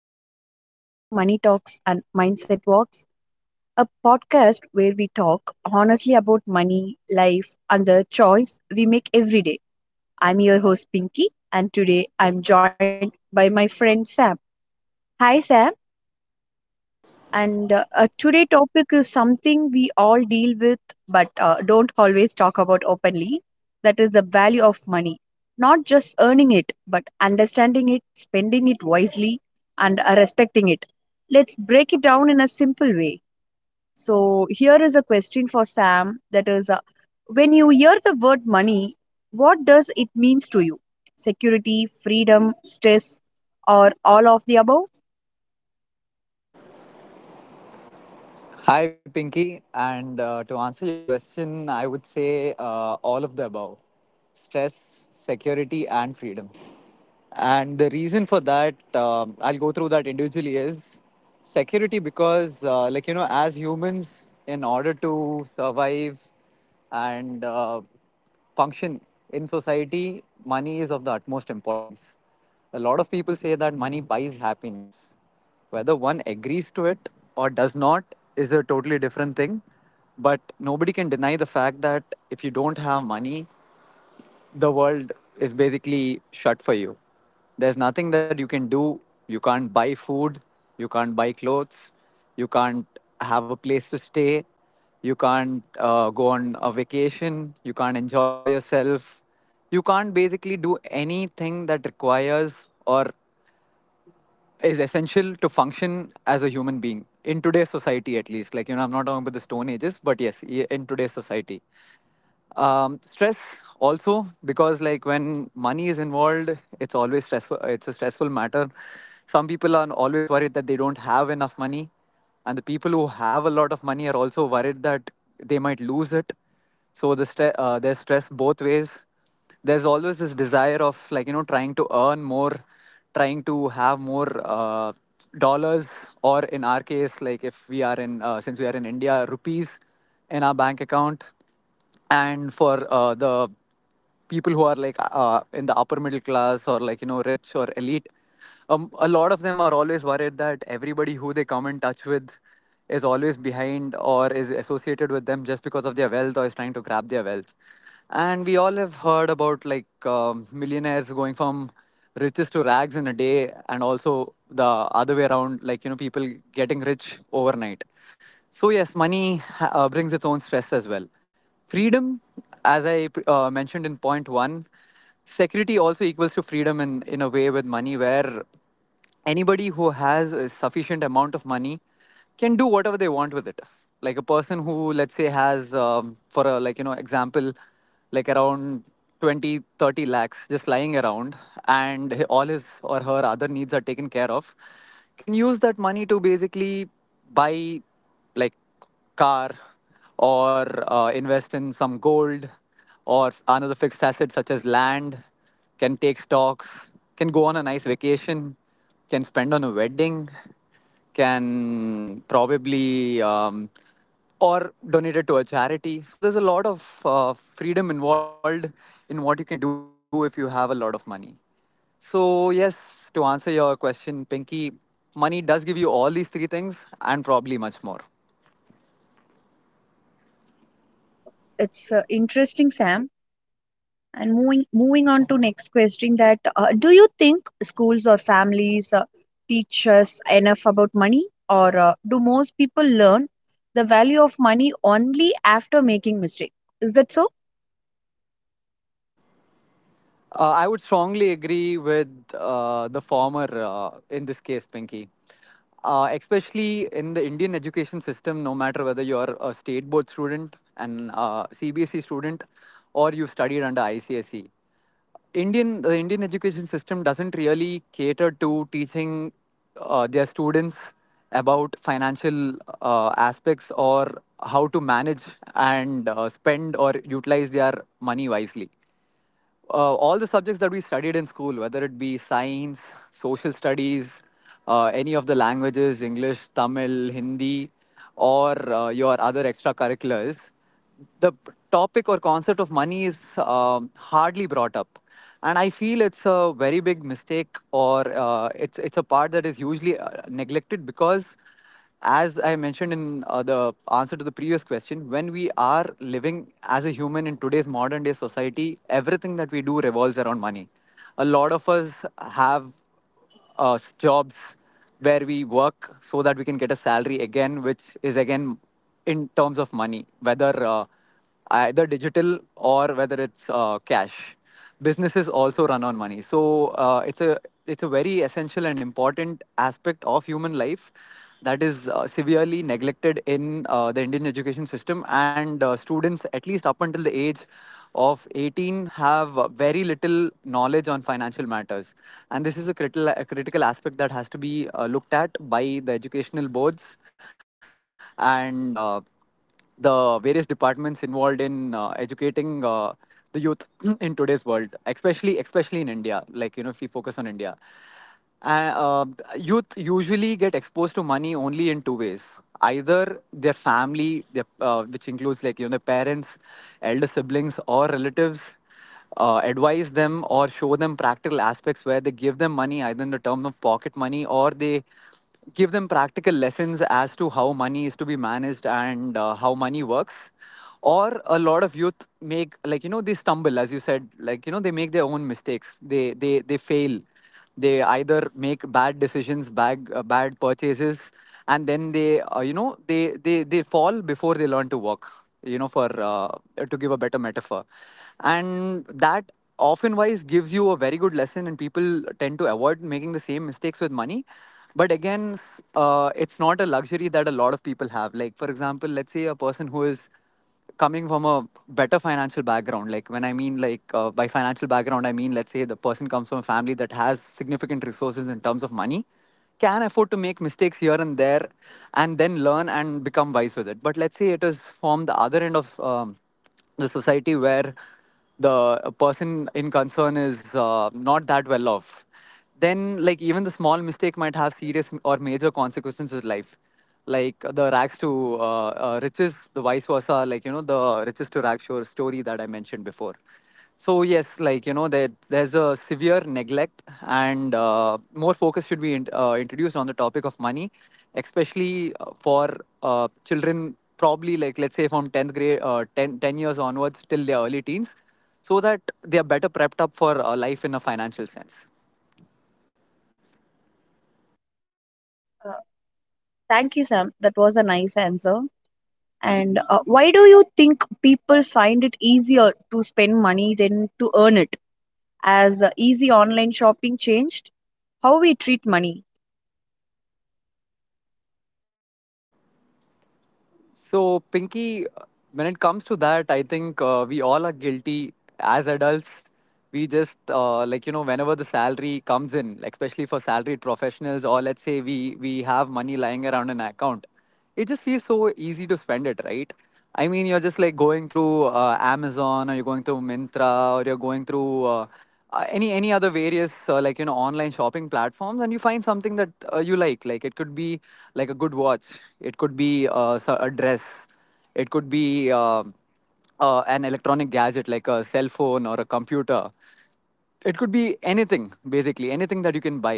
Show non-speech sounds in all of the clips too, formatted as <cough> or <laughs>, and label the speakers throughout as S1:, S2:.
S1: Everyone, welcome to Money Talks and Mindset Walks, a podcast where we talk honestly about money, life, and the choice we make every day. I'm your host Pinky, and today I'm joined by my friend Sam. Hi Sam. And today topic is something we all deal with but don't always talk about openly. That is the value of money. Not just earning it, but understanding it, spending it wisely, and respecting it. Let's break it down in a simple way. So here is a question for Sam. When you hear the word money, what does it means to you? Security, freedom, stress, or all of the above?
S2: Hi, Pinky. And to answer your question, I would say all of the above, stress, security, and freedom. And the reason for that, I'll go through that individually, is security because, like, you know, as humans, in order to survive and function in society, money is of the utmost importance. A lot of people say that money buys happiness. Whether one agrees to it or does not is a totally different thing. But nobody can deny the fact that if you don't have money, the world is basically shut for you. There's nothing that you can do. You can't buy food. You can't buy clothes. You can't have a place to stay. You can't go on a vacation. You can't enjoy yourself, you can't basically do anything that requires or is essential to function as a human being in today's society, at least, like, you know, I'm not talking about the stone ages, but yes, in today's society. Stress also, because like when money is involved, it's always stressful, it's a stressful matter. Some people are always worried that they don't have enough money, and the people who have a lot of money are also worried that they might lose it. So the there's stress both ways. There's always this desire of, like, you know, trying to earn more, trying to have more dollars, or in our case, like, if we are in since we are in India, rupees in our bank account. And for the people who are like in the upper middle class, or like, you know, rich or elite, a lot of them are always worried that everybody who they come in touch with is always behind or is associated with them just because of their wealth, or is trying to grab their wealth. And we all have heard about, like, millionaires going from riches to rags in a day, and also the other way around, like, you know, people getting rich overnight. So, yes, money brings its own stress as well. Freedom, as I mentioned in point one, security also equals to freedom in a way with money, where anybody who has a sufficient amount of money can do whatever they want with it. Like a person who, let's say, has, for a, like, you know, example, like around 20-30 lakhs just lying around, and all his or her other needs are taken care of, can use that money to basically buy, like, car, or invest in some gold, or another fixed asset such as land, can take stocks, can go on a nice vacation, can spend on a wedding, can probably or donate it to a charity. So there's a lot of freedom involved in what you can do if you have a lot of money. So, yes, to answer your question, Pinky, money does give you all these three things, and probably much more.
S1: It's interesting, Sam. And moving on to next question that do you think schools or families teach us enough about money or do most people learn the value of money only after making mistake? Is that so?
S2: I would strongly agree with the former in this case, Pinky. Especially in the Indian education system, no matter whether you're a state board student, an CBSE student, or you've studied under ICSE, Indian the Indian education system doesn't really cater to teaching their students about financial aspects, or how to manage and spend or utilize their money wisely. All the subjects that we studied in school, whether it be science, social studies, any of the languages, English, Tamil, Hindi, or your other extracurriculars, the topic or concept of money is hardly brought up. And I feel it's a very big mistake, or it's a part that is usually neglected, because as I mentioned in the answer to the previous question, when we are living as a human in today's modern day society, everything that we do revolves around money. A lot of us have jobs where we work so that we can get a salary, again, which is again in terms of money, whether either digital, or whether it's cash. Businesses also run on money, so it's a very essential and important aspect of human life that is severely neglected in the Indian education system. And students, at least up until the age of 18, have very little knowledge on financial matters, and this is a critical aspect that has to be looked at by the educational boards and. The various departments involved in educating the youth <clears throat> in today's world, especially in India, like, you know, if we focus on India. uh, Youth usually get exposed to money only in two ways. Either their family, which includes, like, you know, their parents, elder siblings, or relatives, advise them or show them practical aspects, where they give them money either in the terms of pocket money, or they give them practical lessons as to how money is to be managed, and how money works. Or a lot of youth make, like, you know, they stumble, as you said, like, you know, they make their own mistakes, they fail, they either make bad decisions, bad purchases, and then they you know, they fall before they learn to walk, you know, for to give a better metaphor. And that often wise gives you a very good lesson, and people tend to avoid making the same mistakes with money. But again, it's not a luxury that a lot of people have. Like for example, let's say a person who is coming from a better financial background, like when I mean, like by financial background I mean, let's say the person comes from a family that has significant resources in terms of money, can afford to make mistakes here and there, and then learn and become wise with it. But let's say it is from the other end of the society, where the person in concern is not that well off, then like even the small mistake might have serious or major consequences in life. Like the rags to riches, the vice versa, like, you know, the riches to rags shore story that I mentioned before. So yes, like, you know, there's a severe neglect, and more focus should be introduced on the topic of money, especially for children, probably, like, let's say, from 10th grade, ten years onwards till their early teens, so that they are better prepped up for life in a financial sense.
S1: Uh, Thank you, Sam. That was a nice answer. And why do you think people find it easier to spend money than to earn it? As easy online shopping changed how we treat money.
S2: So, Pinky, when it comes to that, I think we all are guilty as adults. We just, like, you know, whenever the salary comes in, like, especially for salaried professionals, or let's say we have money lying around in an account, it just feels so easy to spend it, right? I mean, you're just like going through Amazon, or you're going through Mintra, or you're going through. Any other various like, you know, online shopping platforms, and you find something that you like. Like it could be like a good watch, it could be a dress, it could be an electronic gadget like a cell phone or a computer, it could be anything, basically anything that you can buy.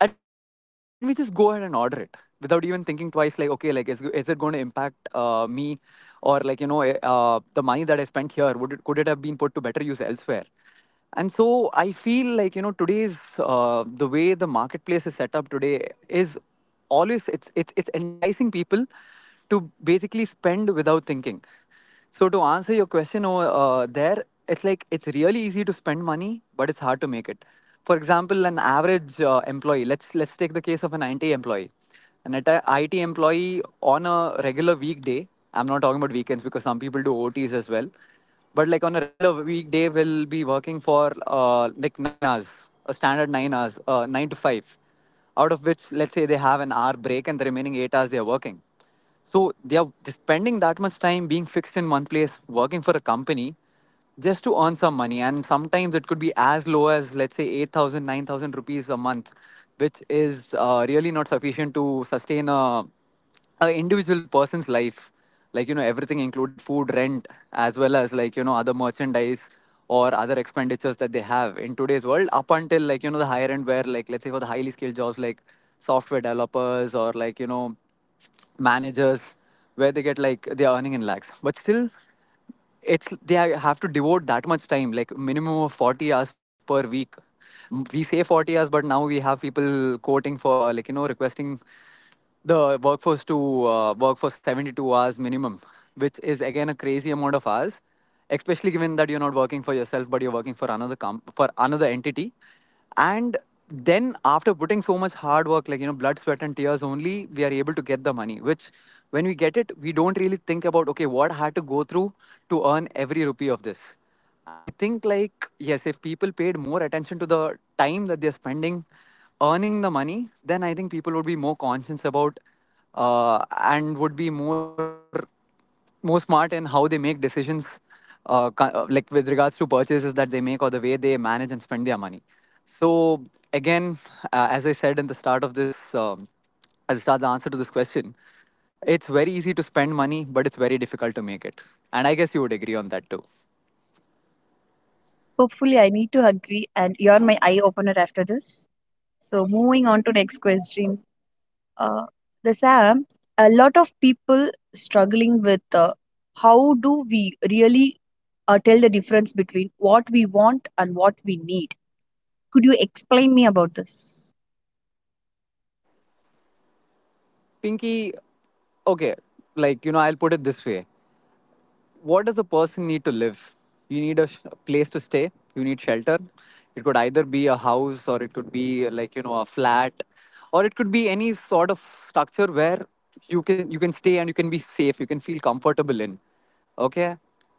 S2: And we just go ahead and order it without even thinking twice, like, okay, like is it going to impact me, or, like, you know, the money that I spent here, would could it have been put to better use elsewhere. And so I feel, like, you know, today's the way the marketplace is set up today is always it's enticing people to basically spend without thinking. So to answer your question over there, it's like it's really easy to spend money, but it's hard to make it. For example, an average employee. Let's take the case of an IT employee. An IT employee on a regular weekday. I'm not talking about weekends because some people do OTs as well. But like on a regular weekday, will be working for like 9 hours, a standard 9 hours, 9 to 5, out of which let's say they have an hour break and the remaining 8 hours they are working. So they are spending that much time being fixed in one place, working for a company just to earn some money. And sometimes it could be as low as, let's say, 8,000, 9,000 rupees a month, which is really not sufficient to sustain a individual person's life. Like, everything included food, rent, as well as like, other merchandise or other expenditures that they have in today's world, up until like, the higher end where, like, let's say, for the highly skilled jobs like software developers or like, managers, where they get like they're earning in lakhs, but still it's they have to devote that much time, like, minimum of 40 hours per week. We say 40 hours, but now we have people quoting for, like, requesting the workforce to work for 72 hours minimum, which is again a crazy amount of hours, especially given that you're not working for yourself but you're working for another for another entity. And then, after putting so much hard work, like, blood, sweat, and tears only, we are able to get the money. Which, when we get it, we don't really think about, okay, what I had to go through to earn every rupee of this. And I think, like, yes, if people paid more attention to the time that they're spending earning the money, then I think people would be more conscious about and would be more smart in how they make decisions, like, with regards to purchases that they make or the way they manage and spend their money. So again, as I said in the start of this, as I start the answer to this question, it's very easy to spend money, but it's very difficult to make it. And I guess you would agree on that too.
S1: Hopefully, I need to agree, and you're my eye opener after this. So moving on to next question, uh, the Sam, a lot of people struggling with how do we really tell the difference between what we want and what we need. Could you explain me about this?
S2: Pinky, okay, like, I'll put it this way. What does a person need to live? You need a place to stay, you need shelter. It could either be a house, or it could be, like, a flat, or it could be any sort of structure where you can stay and you can be safe, you can feel comfortable in. Okay?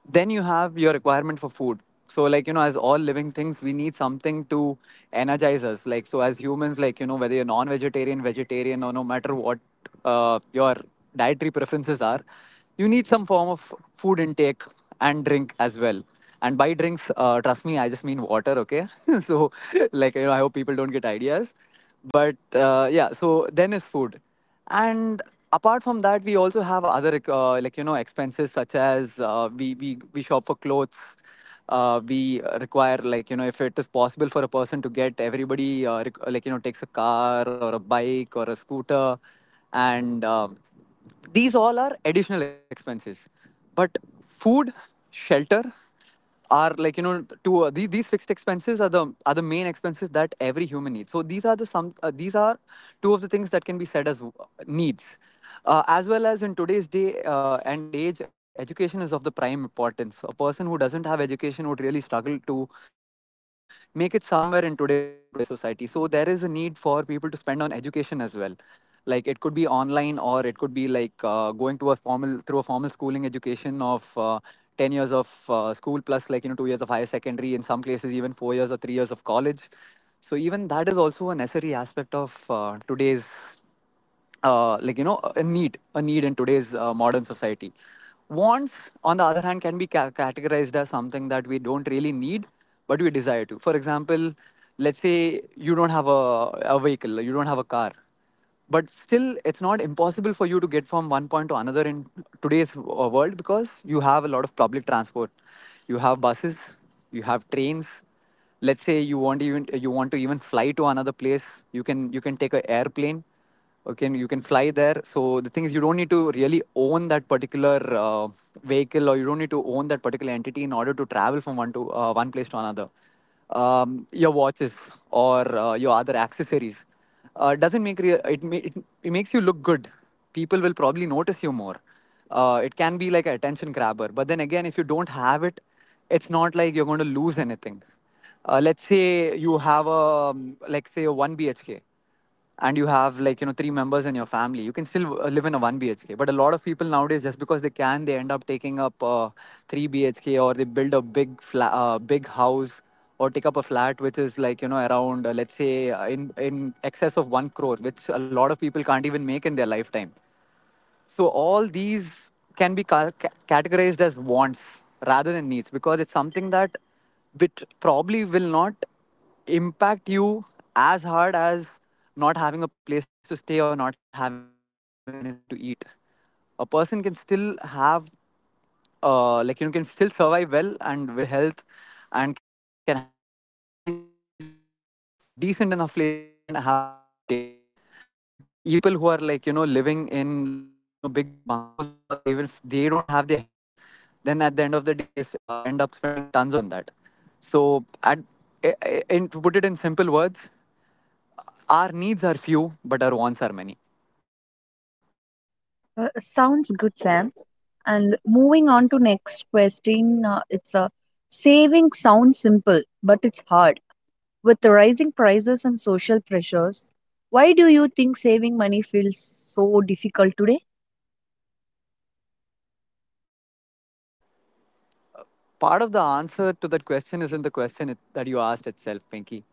S2: Then you have your requirement for food. So, like, as all living things, we need something to energize us. Like, so, as humans, like, whether you're non-vegetarian, vegetarian, or no matter what your dietary preferences are, you need some form of food intake and drink as well. And by drinks, trust me, I just mean water, okay? <laughs> So, like, I hope people don't get ideas. But yeah, so then is food. And apart from that, we also have other, like, expenses, such as we shop for clothes. We require, like, if it is possible for a person to get everybody, like, takes a car or a bike or a scooter. And these all are additional expenses, but food, shelter are, like, to these fixed expenses are the main expenses that every human needs. So these are the some, these are two of the things that can be said as needs. As well as, in today's day and age, education is of the prime importance. A person who doesn't have education would really struggle to make it somewhere in today's world and today's society. So there is a need for people to spend on education as well. Like, it could be online, or it could be like, going to a formal schooling education of, 10 years of school, plus, like, 2 years of higher secondary, in some places even 4 years or 3 years of college. So even that is also a necessary aspect of, today's, like, a need in today's, modern society. Wants, on the other hand, can be categorized as something that we don't really need but we desire to. For example, let's say you don't have a vehicle, you don't have a car, but still it's not impossible for you to get from one point to another in today's world, because you have a lot of public transport. You have buses, you have trains. Let's say you want, even you want to even fly to another place, you can, take an airplane, you can, fly there. So the thing is, you don't need to really own that particular uh, vehicle, or you don't need to own that particular entity in order to travel from one place to another. Your watches or your other accessories, doesn't make re- it, ma- it makes you look good. People will probably notice you more. It can be like an attention grabber. But then again, if you don't have it, it's not like you're going to lose anything. Let's say you have a, like, say, a one BHK, and you have, like, three members in your family. You can still live in a one BHK. But a lot of people nowadays, just because they can, they end up taking up a three BHK, or they build a big flat, big house. Or take up a flat which is, like, around, let's say, in excess of 1 crore, which a lot of people can't even make in their lifetime. So all these can be categorized as wants rather than needs, because it's something that which probably will not impact you as hard as not having a place to stay or not having anything to eat. A person can still have, like, can still survive well and with good health, and can have mental peace if they just have a decent enough place to play and have food on the table. But even the people who are, like, living in, like, big bungalows and all, even if they don't have their health, then at the end of the day they end up spending tons of money on that. So, at, in, to put it in simple words, our needs are few but our wants are many.
S1: Sounds good, Sam. And moving on to next question, it's a saving sounds simple, but it's hard. With the rising prices and social pressures, why do you think saving money feels so difficult today?
S2: Part of the answer to that question is in the question that you asked itself, Pinky.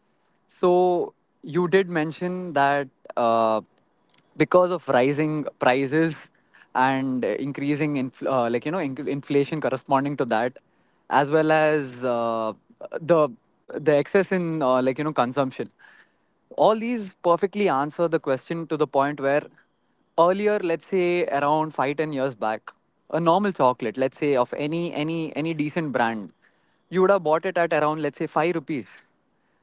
S2: So you did mention that uh, because of rising prices and increasing like, inflation corresponding to that, as well as the excess in, like, consumption, all these perfectly answer the question, to the point where earlier, let's say, around 5 to 10 years back, a normal chocolate, let's say, of any decent brand, you would have bought it at, around, let's say, 5 rupees.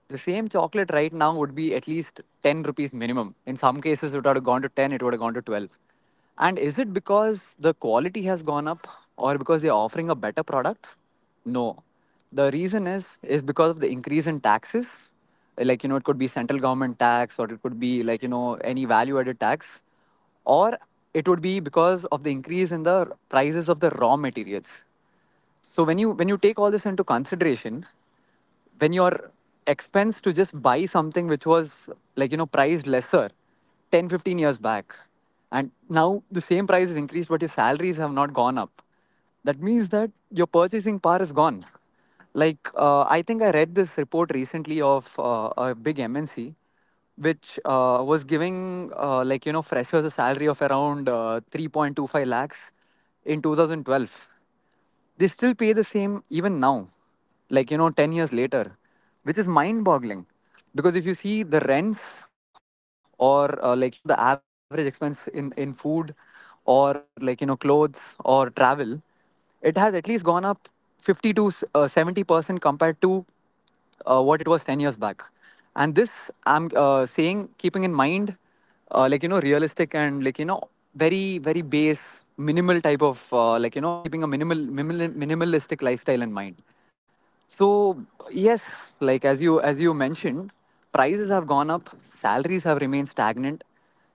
S2: The same chocolate right now would be at least 10 rupees minimum. In some cases it would have gone to 10, it would have gone to 12. And is it because the quality has gone up, or because they're offering a better product? No. The reason is because of the increase in taxes. Like, it could be central government tax, or it could be, like, any value added tax, or it would be because of the increase in the prices of the raw materials. So when you, take all this into consideration, when your expense to just buy something which was, like, priced lesser 10 to 15 years back, and now the same price is increased but your salaries have not gone up, that means that your purchasing power is gone. Like, I think I read this report recently of, a big MNC, which, was giving, like, freshers a salary of around, 3.25 lakhs in 2012. They still pay the same even now, like, 10 years later, which is mind boggling. Because if you see the rents, or, like, the average expense in food, or, like, clothes or travel, it has at least gone up 50 to, 70% compared to, what it was 10 years back. And this, I'm, saying, keeping in mind, like, realistic and, like, very very base minimal type of, like, keeping a minimalistic lifestyle in mind. So yes, like, as you, mentioned, prices have gone up, salaries have remained stagnant.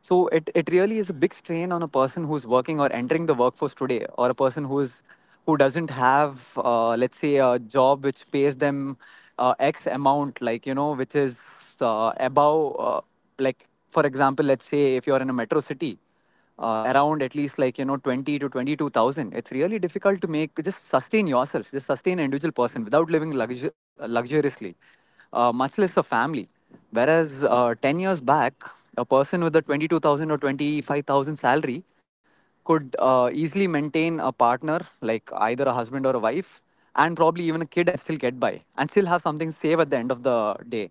S2: So it really is a big strain on a person who's working or entering the workforce today, or a person who is who doesn't have let's say a job which pays them X amount, which is above like for example, let's say if you're in a metro city, around at least 20 to 22,000, it's really difficult to make just sustain yourself just sustain an individual person without living luxuriously, much less a family. Whereas 10 years back, a person with a 22,000 or 25,000 salary could easily maintain a partner, like either a husband or a wife, and probably even a kid, and still get by and still have something save at the end of the day.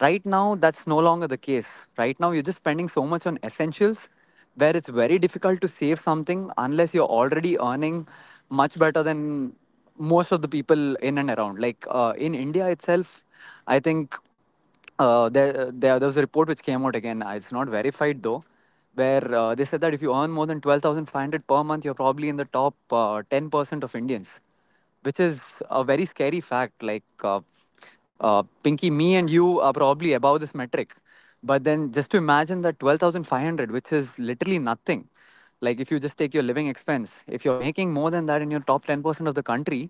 S2: Right now, that's no longer the case. Right now, you're just spending so much on essentials where it's very difficult to save something unless you're already earning much better than most of the people in and around. Like in India itself, I think there was a report which came out again. It's not verified though, where they said that if you earn more than 12,500 per month, you're probably in the top 10% of Indians, which is a very scary fact. Pinky, me and you are probably above this metric. But then just to imagine that 12,500, which is literally nothing. Like, if you just take your living expense, if you're making more than that, in your top 10% of the country,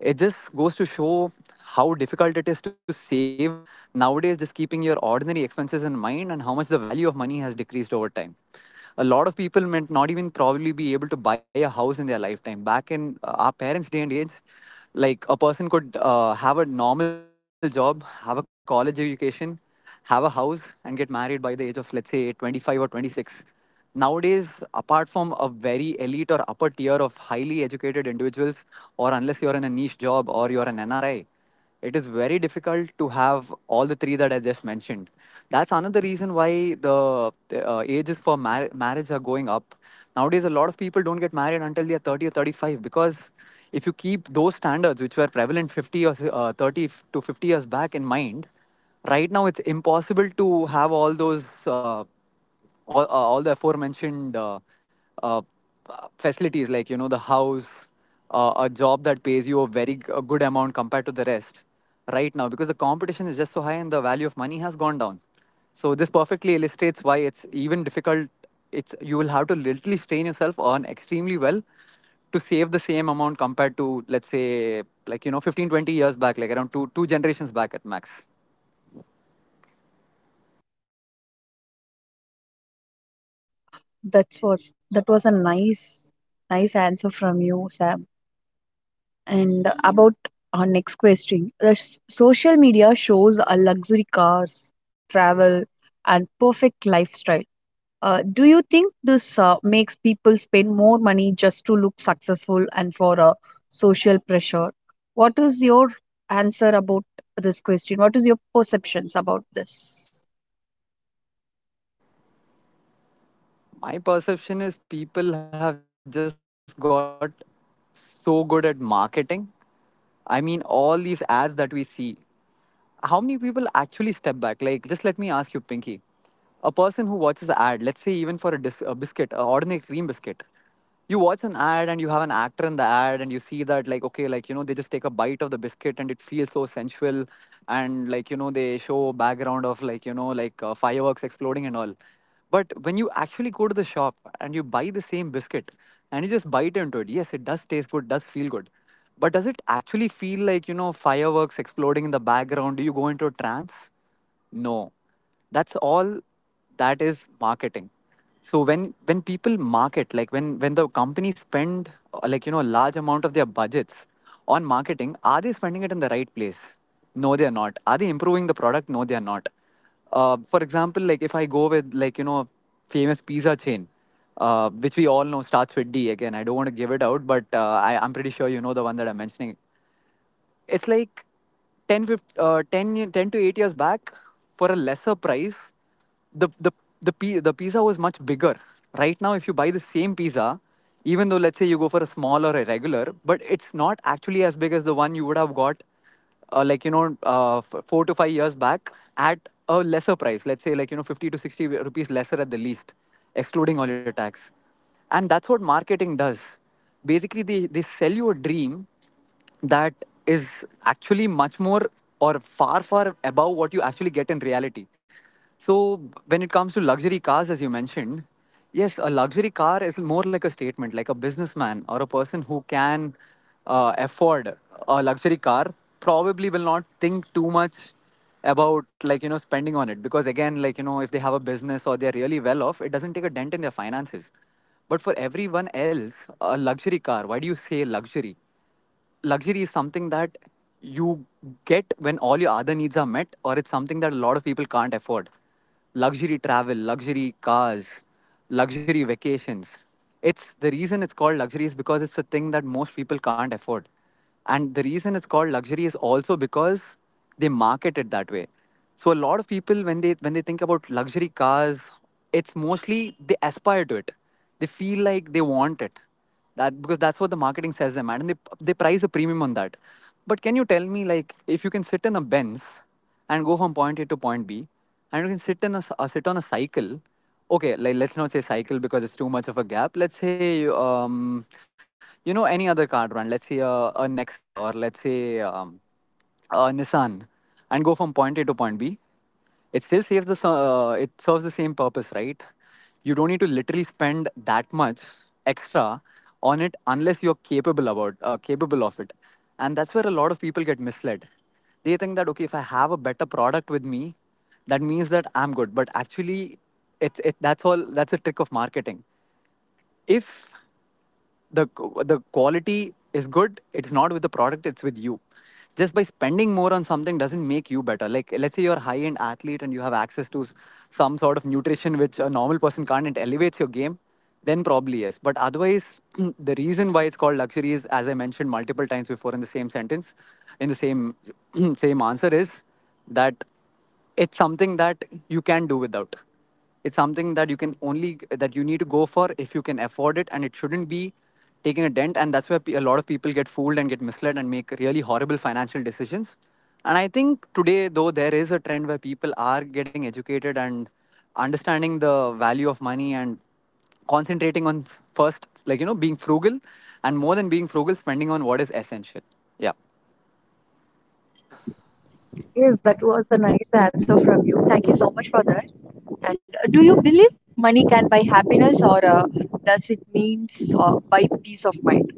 S2: it just goes to show how difficult it is to save nowadays, just keeping your ordinary expenses in mind and how much the value of money has decreased over time. A lot of people might not even probably be able to buy a house in their lifetime. Back in our parents' day and age, like a person could have a normal job, have a college education, have a house, and get married by the age of, let's say, 25 or 26. Nowadays, apart from a very elite or upper tier of highly educated individuals, or unless you're in a niche job or you're an nri, it is very difficult to have all the three that I just mentioned. That's another reason why the ages for marriage are going up. Nowadays a lot of people don't get married until they are 30 or 35, because if you keep those standards which were prevalent 50, or 30 to 50 years back in mind, right now it's impossible to have all those all the aforementioned, uh, facilities, the house, a job that pays you a very a good amount compared to the rest, right now, because the competition is just so high and the value of money has gone down. So this perfectly illustrates why it's even difficult. It's You will have to literally strain yourself on extremely well to save the same amount compared to, let's say, 15 20 years back, like around two generations back at max.
S1: That was a nice answer from you, Sam. And about our next question, social media shows a luxury cars, travel, and perfect lifestyle. Do you think this makes people spend more money just to look successful and for social pressure? What is your answer about this question? What is your perceptions about this?
S2: My perception is people have just got so good at marketing. I mean, all these ads that we see, how many people actually step back? Like, just let me ask you, Pinky. A person who watches an ad, let's say even for a, a biscuit, a ordinary cream biscuit, you watch an ad and you have an actor in the ad and you see that, like, okay, like, you know, they just take a bite of the biscuit and it feels so sensual. And, like, you know, they show background of, like, you know, like fireworks exploding and all. But when you actually go to the shop and you buy the same biscuit and you just bite into it, yes, it does taste good, does feel good. But does it actually feel like, you know, fireworks exploding in the background? Do you go into a trance? No. That's all that is marketing. So when people market, like when the company spend a large amount of their budgets on marketing, are they spending it in the right place? No, they are not. Are they improving the product? No, they are not. Uh, for example, like if I go with a famous pizza chain, which we all know starts with D. Again, I don't want to give it out, but I'm pretty sure you know the one that I'm mentioning. It's like 10, fif- uh, 10, ye- 10 to 8 years back, for a lesser price, the the the pizza was much bigger. Right now, if you buy the same pizza, even though let's say you go for a small or a regular, but it's not actually as big as the one you would have got 4 to 5 years back, at a lesser price, let's say 50 to 60 rupees lesser at the least, excluding all your tax. And that's what marketing does. Basically they sell you a dream that is actually much more, or far far above what you actually get in reality. So when it comes to luxury cars, as you mentioned, yes, a luxury car is more like a statement. Like a businessman or a person who can afford a luxury car probably will not think too much about spending on it, because again, if they have a business or they're really well off, it doesn't take a dent in their finances. But for everyone else, a luxury car, why do you say luxury? Luxury is something that you get when all your other needs are met, or it's something that a lot of people can't afford. Luxury travel, luxury cars, luxury vacations. It's the reason it's called luxury is because it's a thing that most people can't afford. And the reason it's called luxury is also because they market it that way. So a lot of people, when they think about luxury cars, it's mostly they aspire to it. They feel like they want it, that, because that's what the marketing says them at, and they price a premium on that. But can you tell me, like, if you can sit in a benz and go from point A to point B, and you can sit in a, sit on a cycle, okay, like let's not say cycle because it's too much of a gap. Let's say, um, any other car brand. Let's say a nexa, or let's say um, Nissan, and go from point A to point B, it still it serves the same purpose, right? You don't need to literally spend that much extra on it unless you're capable of it. And that's where a lot of people get misled. They think that, okay, if I have a better product with me, that means that I'm good. But actually, it's it that's all that's a trick of marketing. If the the quality is good, it's not with the product, it's with you. Just by spending more on something doesn't make you better. Like let's say you're a high end athlete and you have access to some sort of nutrition which a normal person can't, and it elevates your game, then probably yes. But otherwise <clears throat> the reason why it's called luxury is, as I mentioned multiple times before in the same sentence, in the same <clears throat> same answer, is that it's something that you can do without. It's something that you can only that you need to go for if you can afford it, and it shouldn't be taking a dent. And that's where a lot of people get fooled and get misled and make really horrible financial decisions. And I think today though, there is a trend where people are getting educated and understanding the value of money and concentrating on, first, being frugal, and more than being frugal, spending on what is essential. Yeah.
S1: Yes, that was a nice answer from you. Thank you so much for that. And do you believe money can buy happiness, or does it means buy peace of mind?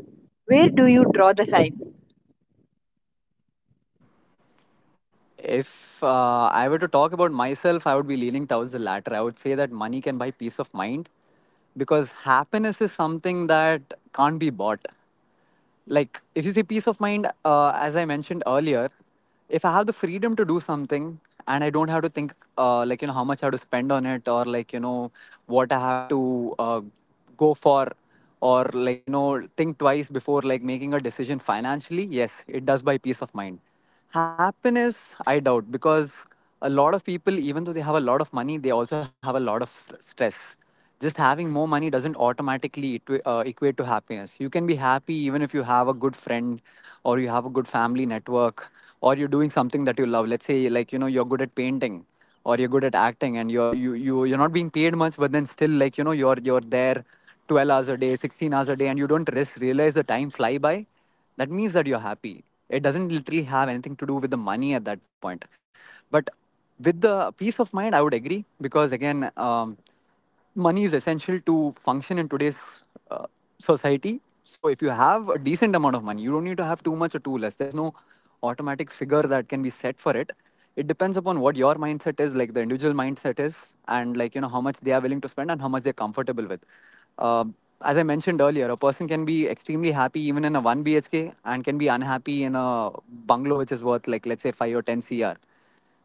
S1: Where do you draw the line?
S2: If I were to talk about myself, I would be leaning towards the latter. I would say that money can buy peace of mind, because happiness is something that can't be bought. Like if you say peace of mind, as I mentioned earlier, if I have the freedom to do something and I don't have to think how much I have to spend on it, or what I have to go for, or think twice before like making a decision financially, yes, it does buy peace of mind. Happiness, I doubt, because a lot of people, even though they have a lot of money, they also have a lot of stress. Just having more money doesn't automatically equate to happiness. You can be happy even if you have a good friend, or you have a good family network, or you're doing something that you love. Let's say you're good at painting or you're good at acting, and you're you, you you're not being paid much, but then still you're there 12 hours a day, 16 hours a day, and you don't realize the time fly by. That means that you're happy. It doesn't literally have anything to do with the money at that point. But with the peace of mind, I would agree, because again, money is essential to function in today's uh, society. So if you have a decent amount of money, you don't need to have too much or too less. There's no automatic figure that can be set for it. It depends upon what your mindset is, like the individual mindset is, and how much they are willing to spend and how much they're comfortable with. Um, as I mentioned earlier, a person can be extremely happy even in a one BHK and can be unhappy in a bungalow which is worth, like let's say, five or ten CR.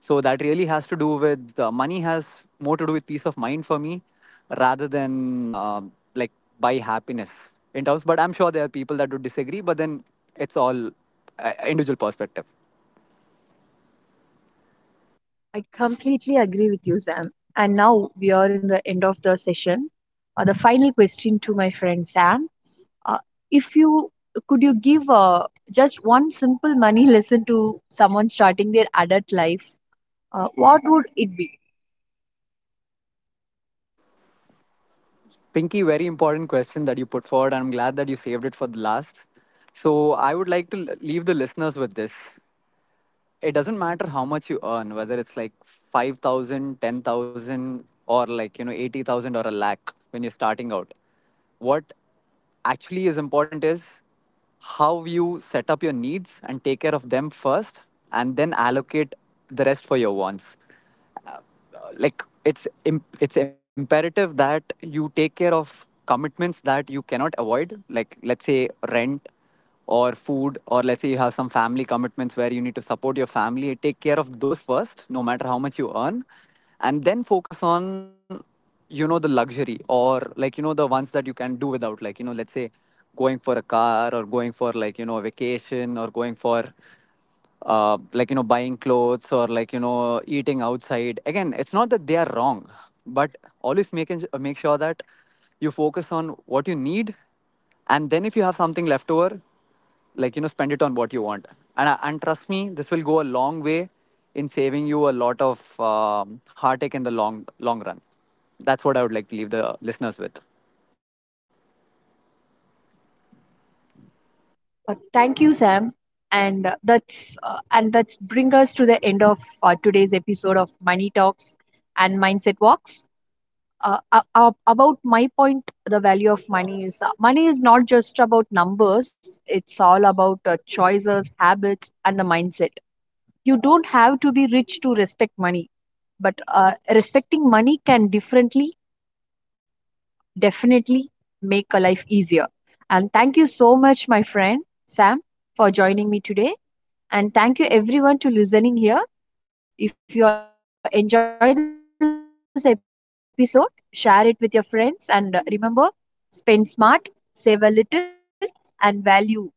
S2: So that really has to do with, money has more to do with peace of mind for me rather than like by happiness in terms. But I'm sure there are people that would disagree, but then it's all individual perspective.
S1: I completely agree with you, Sam. And now we are in the end of the session. The final question to my friend Sam: uh, if you could you give just one simple money <laughs> lesson to someone starting their adult life, what would it be?
S2: Pinky, very important question that you put forward, and I'm glad that you saved it for the last. So I would like to leave the listeners with this. It doesn't matter how much you earn, whether it's like 5,000, 10,000, or, like, you know, 80,000, or a lakh when you're starting out. What actually is important is how you set up your needs and take care of them first, and then allocate the rest for your wants. Like it's imperative that you take care of commitments that you cannot avoid, like let's say rent, or food, or let's say you have some family commitments where you need to support your family. Take care of those first, no matter how much you earn. And then focus on, you know, the luxury, or the ones that you can do without. Like, let's say going for a car, or going for a vacation, or going for buying clothes, or eating outside. Again, it's not that they are wrong, but always make sure that you focus on what you need, and then if you have something left over, spend it on what you want. And trust me, this will go a long way in saving you a lot of heartache in the long run. That's what I would like to leave the listeners with.
S1: Thank you, Sam. And that's bring us to the end of today's episode of Money Talks and Mindset Walks. About my point, the value of money is money is not just about numbers. It's all about choices, habits, and the mindset. You don't have to be rich to respect money, but respecting money can definitely make a life easier. And thank you so much, my friend Sam, for joining me today. And thank you everyone to listening here. If you enjoy this episode, share it with your friends and remember, spend smart, save a little and value earn. See you next time. Bye bye.